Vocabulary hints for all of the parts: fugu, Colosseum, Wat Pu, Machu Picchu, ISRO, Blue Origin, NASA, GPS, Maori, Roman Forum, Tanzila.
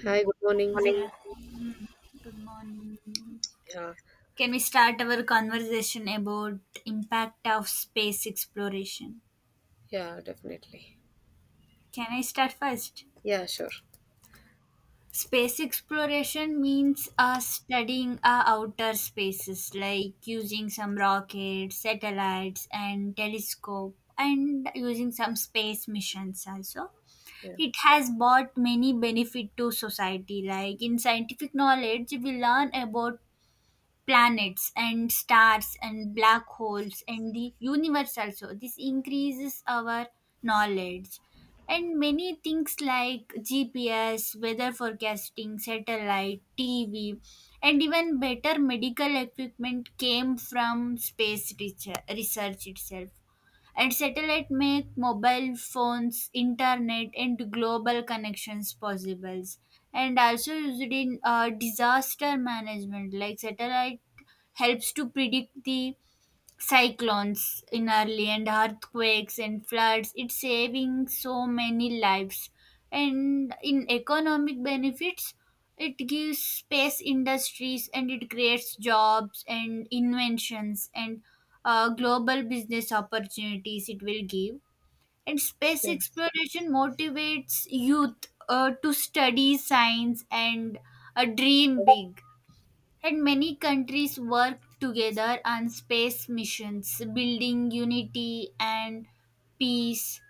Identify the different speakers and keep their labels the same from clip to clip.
Speaker 1: Good
Speaker 2: Hi, good morning.
Speaker 1: morning. Morning. Good morning.
Speaker 2: Yeah,
Speaker 1: Can we start our conversation about impact of space exploration?
Speaker 2: yeah, definitely.
Speaker 1: Can I start first?
Speaker 2: Yeah, sure.
Speaker 1: Space exploration means studying outer spaces, like using some rockets, satellites, and telescope, and using some space missions also.
Speaker 2: Yeah.
Speaker 1: It has brought many benefit to society. Like in scientific knowledge, we learn about planets and stars and black holes and the universe, also this increases our knowledge and many things like gps, weather forecasting, satellite tv, and even better medical equipment came from space research itself, and satellite make mobile phones, internet, and global connections possible, and also used in disaster management like satellite helps to predict the cyclones in early, and earthquakes and floods, it's saving so many lives. And in economic benefits, it gives space industries and it creates jobs and inventions and global business opportunities it will give. And space
Speaker 2: Yes.
Speaker 1: exploration motivates youth to study science and dream big, and many countries work together on space missions, building unity and peace.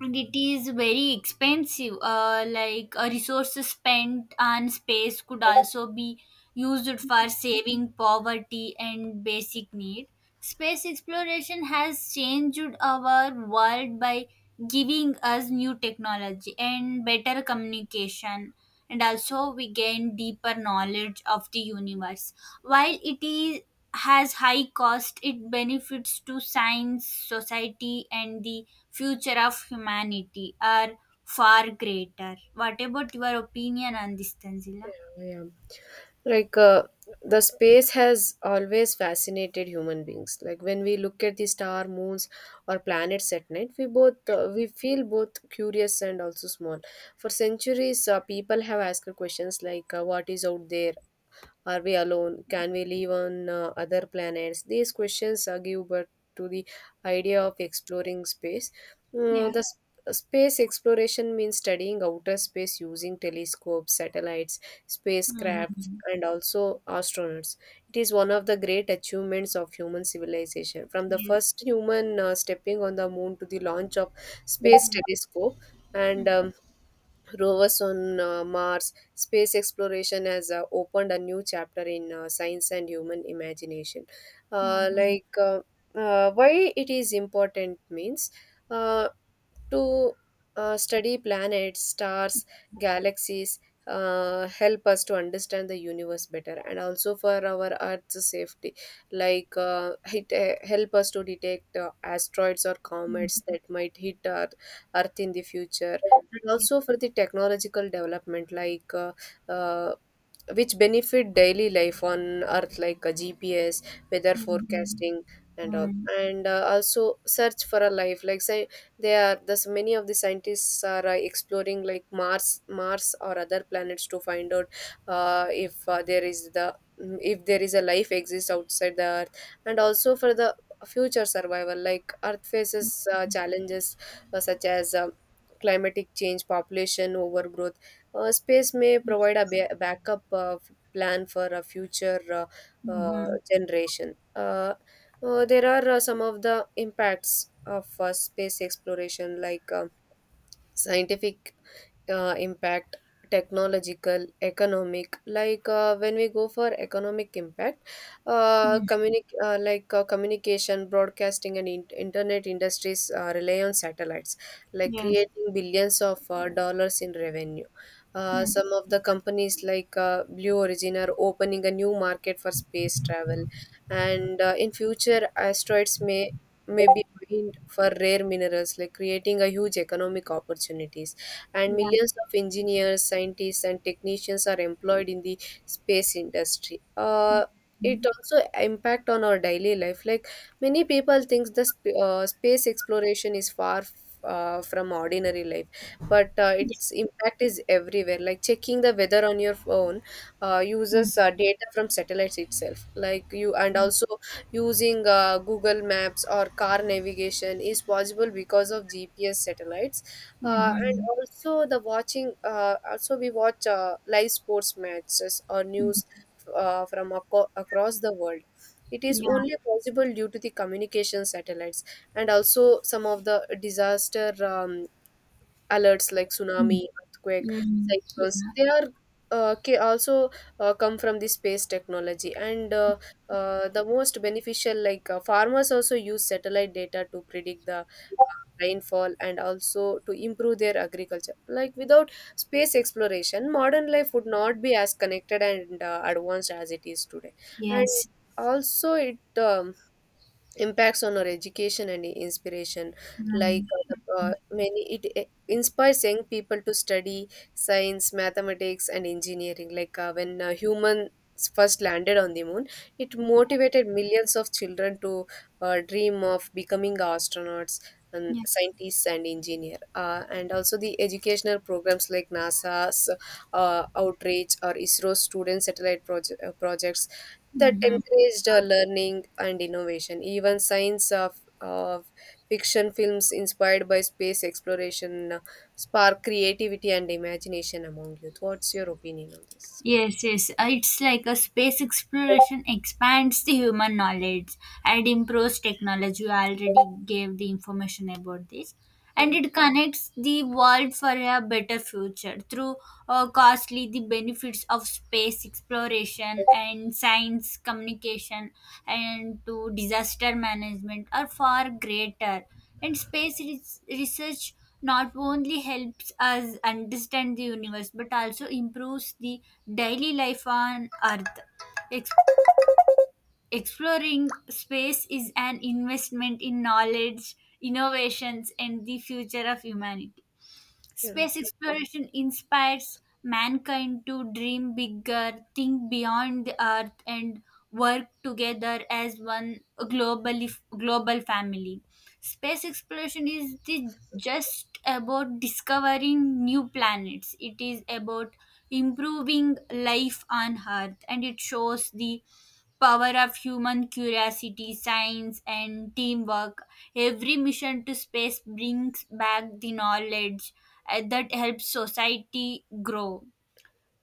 Speaker 1: And it is very expensive, like resources spent on space could also be used for saving poverty and basic need. Space exploration has changed our world by giving us new technology and better communication, and also we gain deeper knowledge of the universe. While it is has high cost, it benefits to science, society, and the future of humanity are far greater. What about your opinion on this, Tanzila?
Speaker 2: Yeah. Like uh, the space has always fascinated human beings. Like when we look at the star, moons, or planets at night, we feel both curious and also small. For centuries, people have asked questions like, "What is out there?" Are we alone? Can we live on other planets? These questions give birth to the idea of exploring space. Uh,
Speaker 1: Yeah.
Speaker 2: the s- Space exploration means studying outer space using telescopes, satellites, spacecraft,
Speaker 1: Mm-hmm.
Speaker 2: and also astronauts. It is one of the great achievements of human civilization. From the
Speaker 1: Yes.
Speaker 2: first human stepping on the moon to the launch of space telescope and
Speaker 1: Hmm.
Speaker 2: rovers on Mars, space exploration has opened a new chapter in science and human imagination. Uh,
Speaker 1: Mm-hmm.
Speaker 2: like, uh, why it is important means uh, to study planets, stars, galaxies. Help us to understand the universe better and also for our earth's safety like it help us to detect asteroids or comets that might hit earth in the future, and also for the technological development uh, which benefit daily life on earth like a GPS, weather forecasting and all. And also search for a life, like say they are thus many of the scientists are exploring like mars or other planets to find out if there is the if there is a life exists outside the earth, and also for the future survival like earth faces challenges such as climatic change, population overgrowth. Space may provide a backup plan for a future generation. There are some of the impacts of space exploration, like scientific impact, technological, economic. Like when we go for economic impact,
Speaker 1: Hmm.
Speaker 2: communication, broadcasting, and internet industries rely on satellites, like
Speaker 1: Yeah.
Speaker 2: creating billions of dollars in revenue.
Speaker 1: Hmm.
Speaker 2: Some of the companies like blue origin are opening a new market for space travel, and in future asteroids may be mined for rare minerals, like creating a huge economic opportunities, and
Speaker 1: Mm-hmm.
Speaker 2: millions of engineers, scientists, and technicians are employed in the space industry. It
Speaker 1: Mm.
Speaker 2: also impact on our daily life. Like many people thinks the space exploration is from ordinary life, but its impact is everywhere. Like checking the weather on your phone uses data from satellites itself. Like you, and also using Google Maps or car navigation is possible because of GPS satellites, and
Speaker 1: Yes.
Speaker 2: also the watching also we watch live sports matches or
Speaker 1: Mm.
Speaker 2: news across the world. It is
Speaker 1: Yeah.
Speaker 2: only possible due to the communication satellites, and also some of the disaster alerts like
Speaker 1: Mm.
Speaker 2: tsunami, earthquake,
Speaker 1: Yeah. Mm. Mm. Mm. Yeah. Mm.
Speaker 2: cyclones.
Speaker 1: Mm.
Speaker 2: They are also come from the space technology, and the most beneficial, like farmers also use satellite data to predict the rainfall and also to improve their agriculture. Like without space exploration modern life would not be as connected and advanced as it is today,
Speaker 1: Yeah. Mm-hmm.
Speaker 2: and
Speaker 1: Yes.
Speaker 2: also it impacts on our education and inspiration.
Speaker 1: Mm.
Speaker 2: Like
Speaker 1: Mm.
Speaker 2: many it inspires young people to study science, mathematics, and engineering. Like when humans first landed on the moon, it motivated millions of children to dream of becoming astronauts and
Speaker 1: Yeah.
Speaker 2: scientists and engineer, and also the educational programs like NASA's outreach or ISRO student satellite projects that
Speaker 1: Mhm.
Speaker 2: encouraged learning and innovation. Even science of fiction films inspired by space exploration spark creativity and imagination among youth. What's your opinion on this?
Speaker 1: Yes, yes. It's like a space exploration expands the human knowledge and improves technology. You already gave the information about this. And
Speaker 2: Yeah,
Speaker 1: it connects the world for a better future through costly, the benefits of space exploration and science communication and to disaster management are far greater. And space research not only helps us understand the universe but also improves the daily life on Earth. Ex- Exploring space is an investment in knowledge, innovations, and the future of humanity.
Speaker 2: yeah,
Speaker 1: Space exploration inspires mankind to dream bigger, think beyond the Earth, and work together as one globally, global family. Space exploration is the, just about discovering new planets. It is about improving life on Earth, and it shows the power of human curiosity, science, and teamwork. Every mission to space brings back the knowledge that helps society grow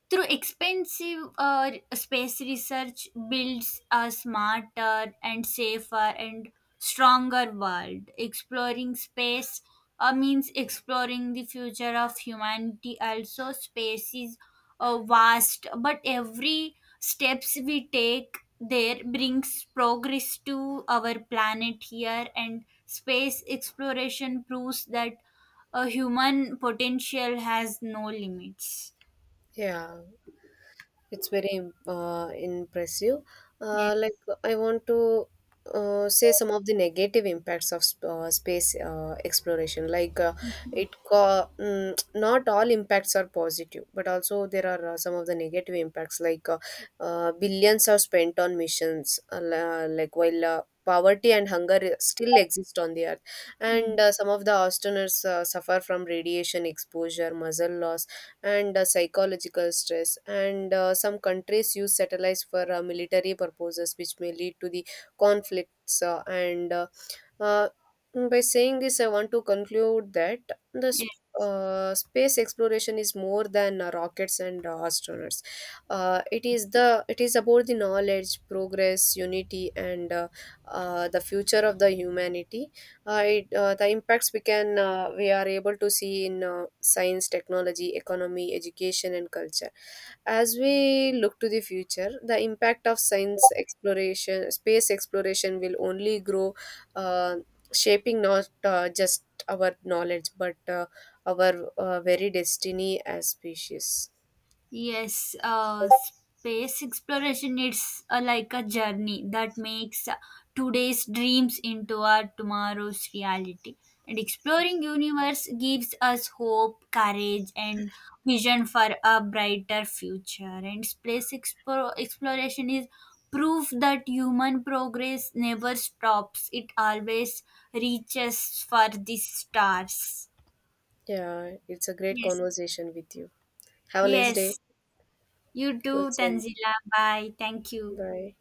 Speaker 1: through expensive, space research builds a smarter and safer and stronger world. Exploring space means exploring the future of humanity. Also space is vast, but every steps we take there brings progress to our planet here, and space exploration proves that a human potential has no limits.
Speaker 2: yeah. It's very impressive. Like
Speaker 1: Yes.
Speaker 2: I want to say some of the negative impacts of space exploration. Like not all impacts are positive, but also there are some of the negative impacts. Like billions are spent on missions. Like while. Poverty and hunger still exist on the earth,
Speaker 1: Mm.
Speaker 2: and some of the astronauts suffer from radiation exposure, muscle loss, and psychological stress. And some countries use satellites for military purposes, which may lead to the conflicts, and uh, by saying this, I want to conclude that the s-
Speaker 1: Yes,
Speaker 2: space exploration is more than rockets and astronauts. It is about the knowledge, progress, unity, and the future of the humanity. The impacts we are able to see in science, technology, economy, education, and culture. As we look to the future, the impact of space exploration will only grow, uh, shaping not just our knowledge but our very destiny as species.
Speaker 1: yes. Space exploration is like a journey that makes today's dreams into our tomorrow's reality. And exploring universe gives us hope, courage, and vision for a brighter future. And space exploration is proof that human progress never stops; it always reaches for the stars.
Speaker 2: Yeah, it's a great
Speaker 1: Yes,
Speaker 2: conversation with you. Have a nice day.
Speaker 1: yes. You
Speaker 2: Good
Speaker 1: too, Tanzila. Bye. Thank you.
Speaker 2: bye.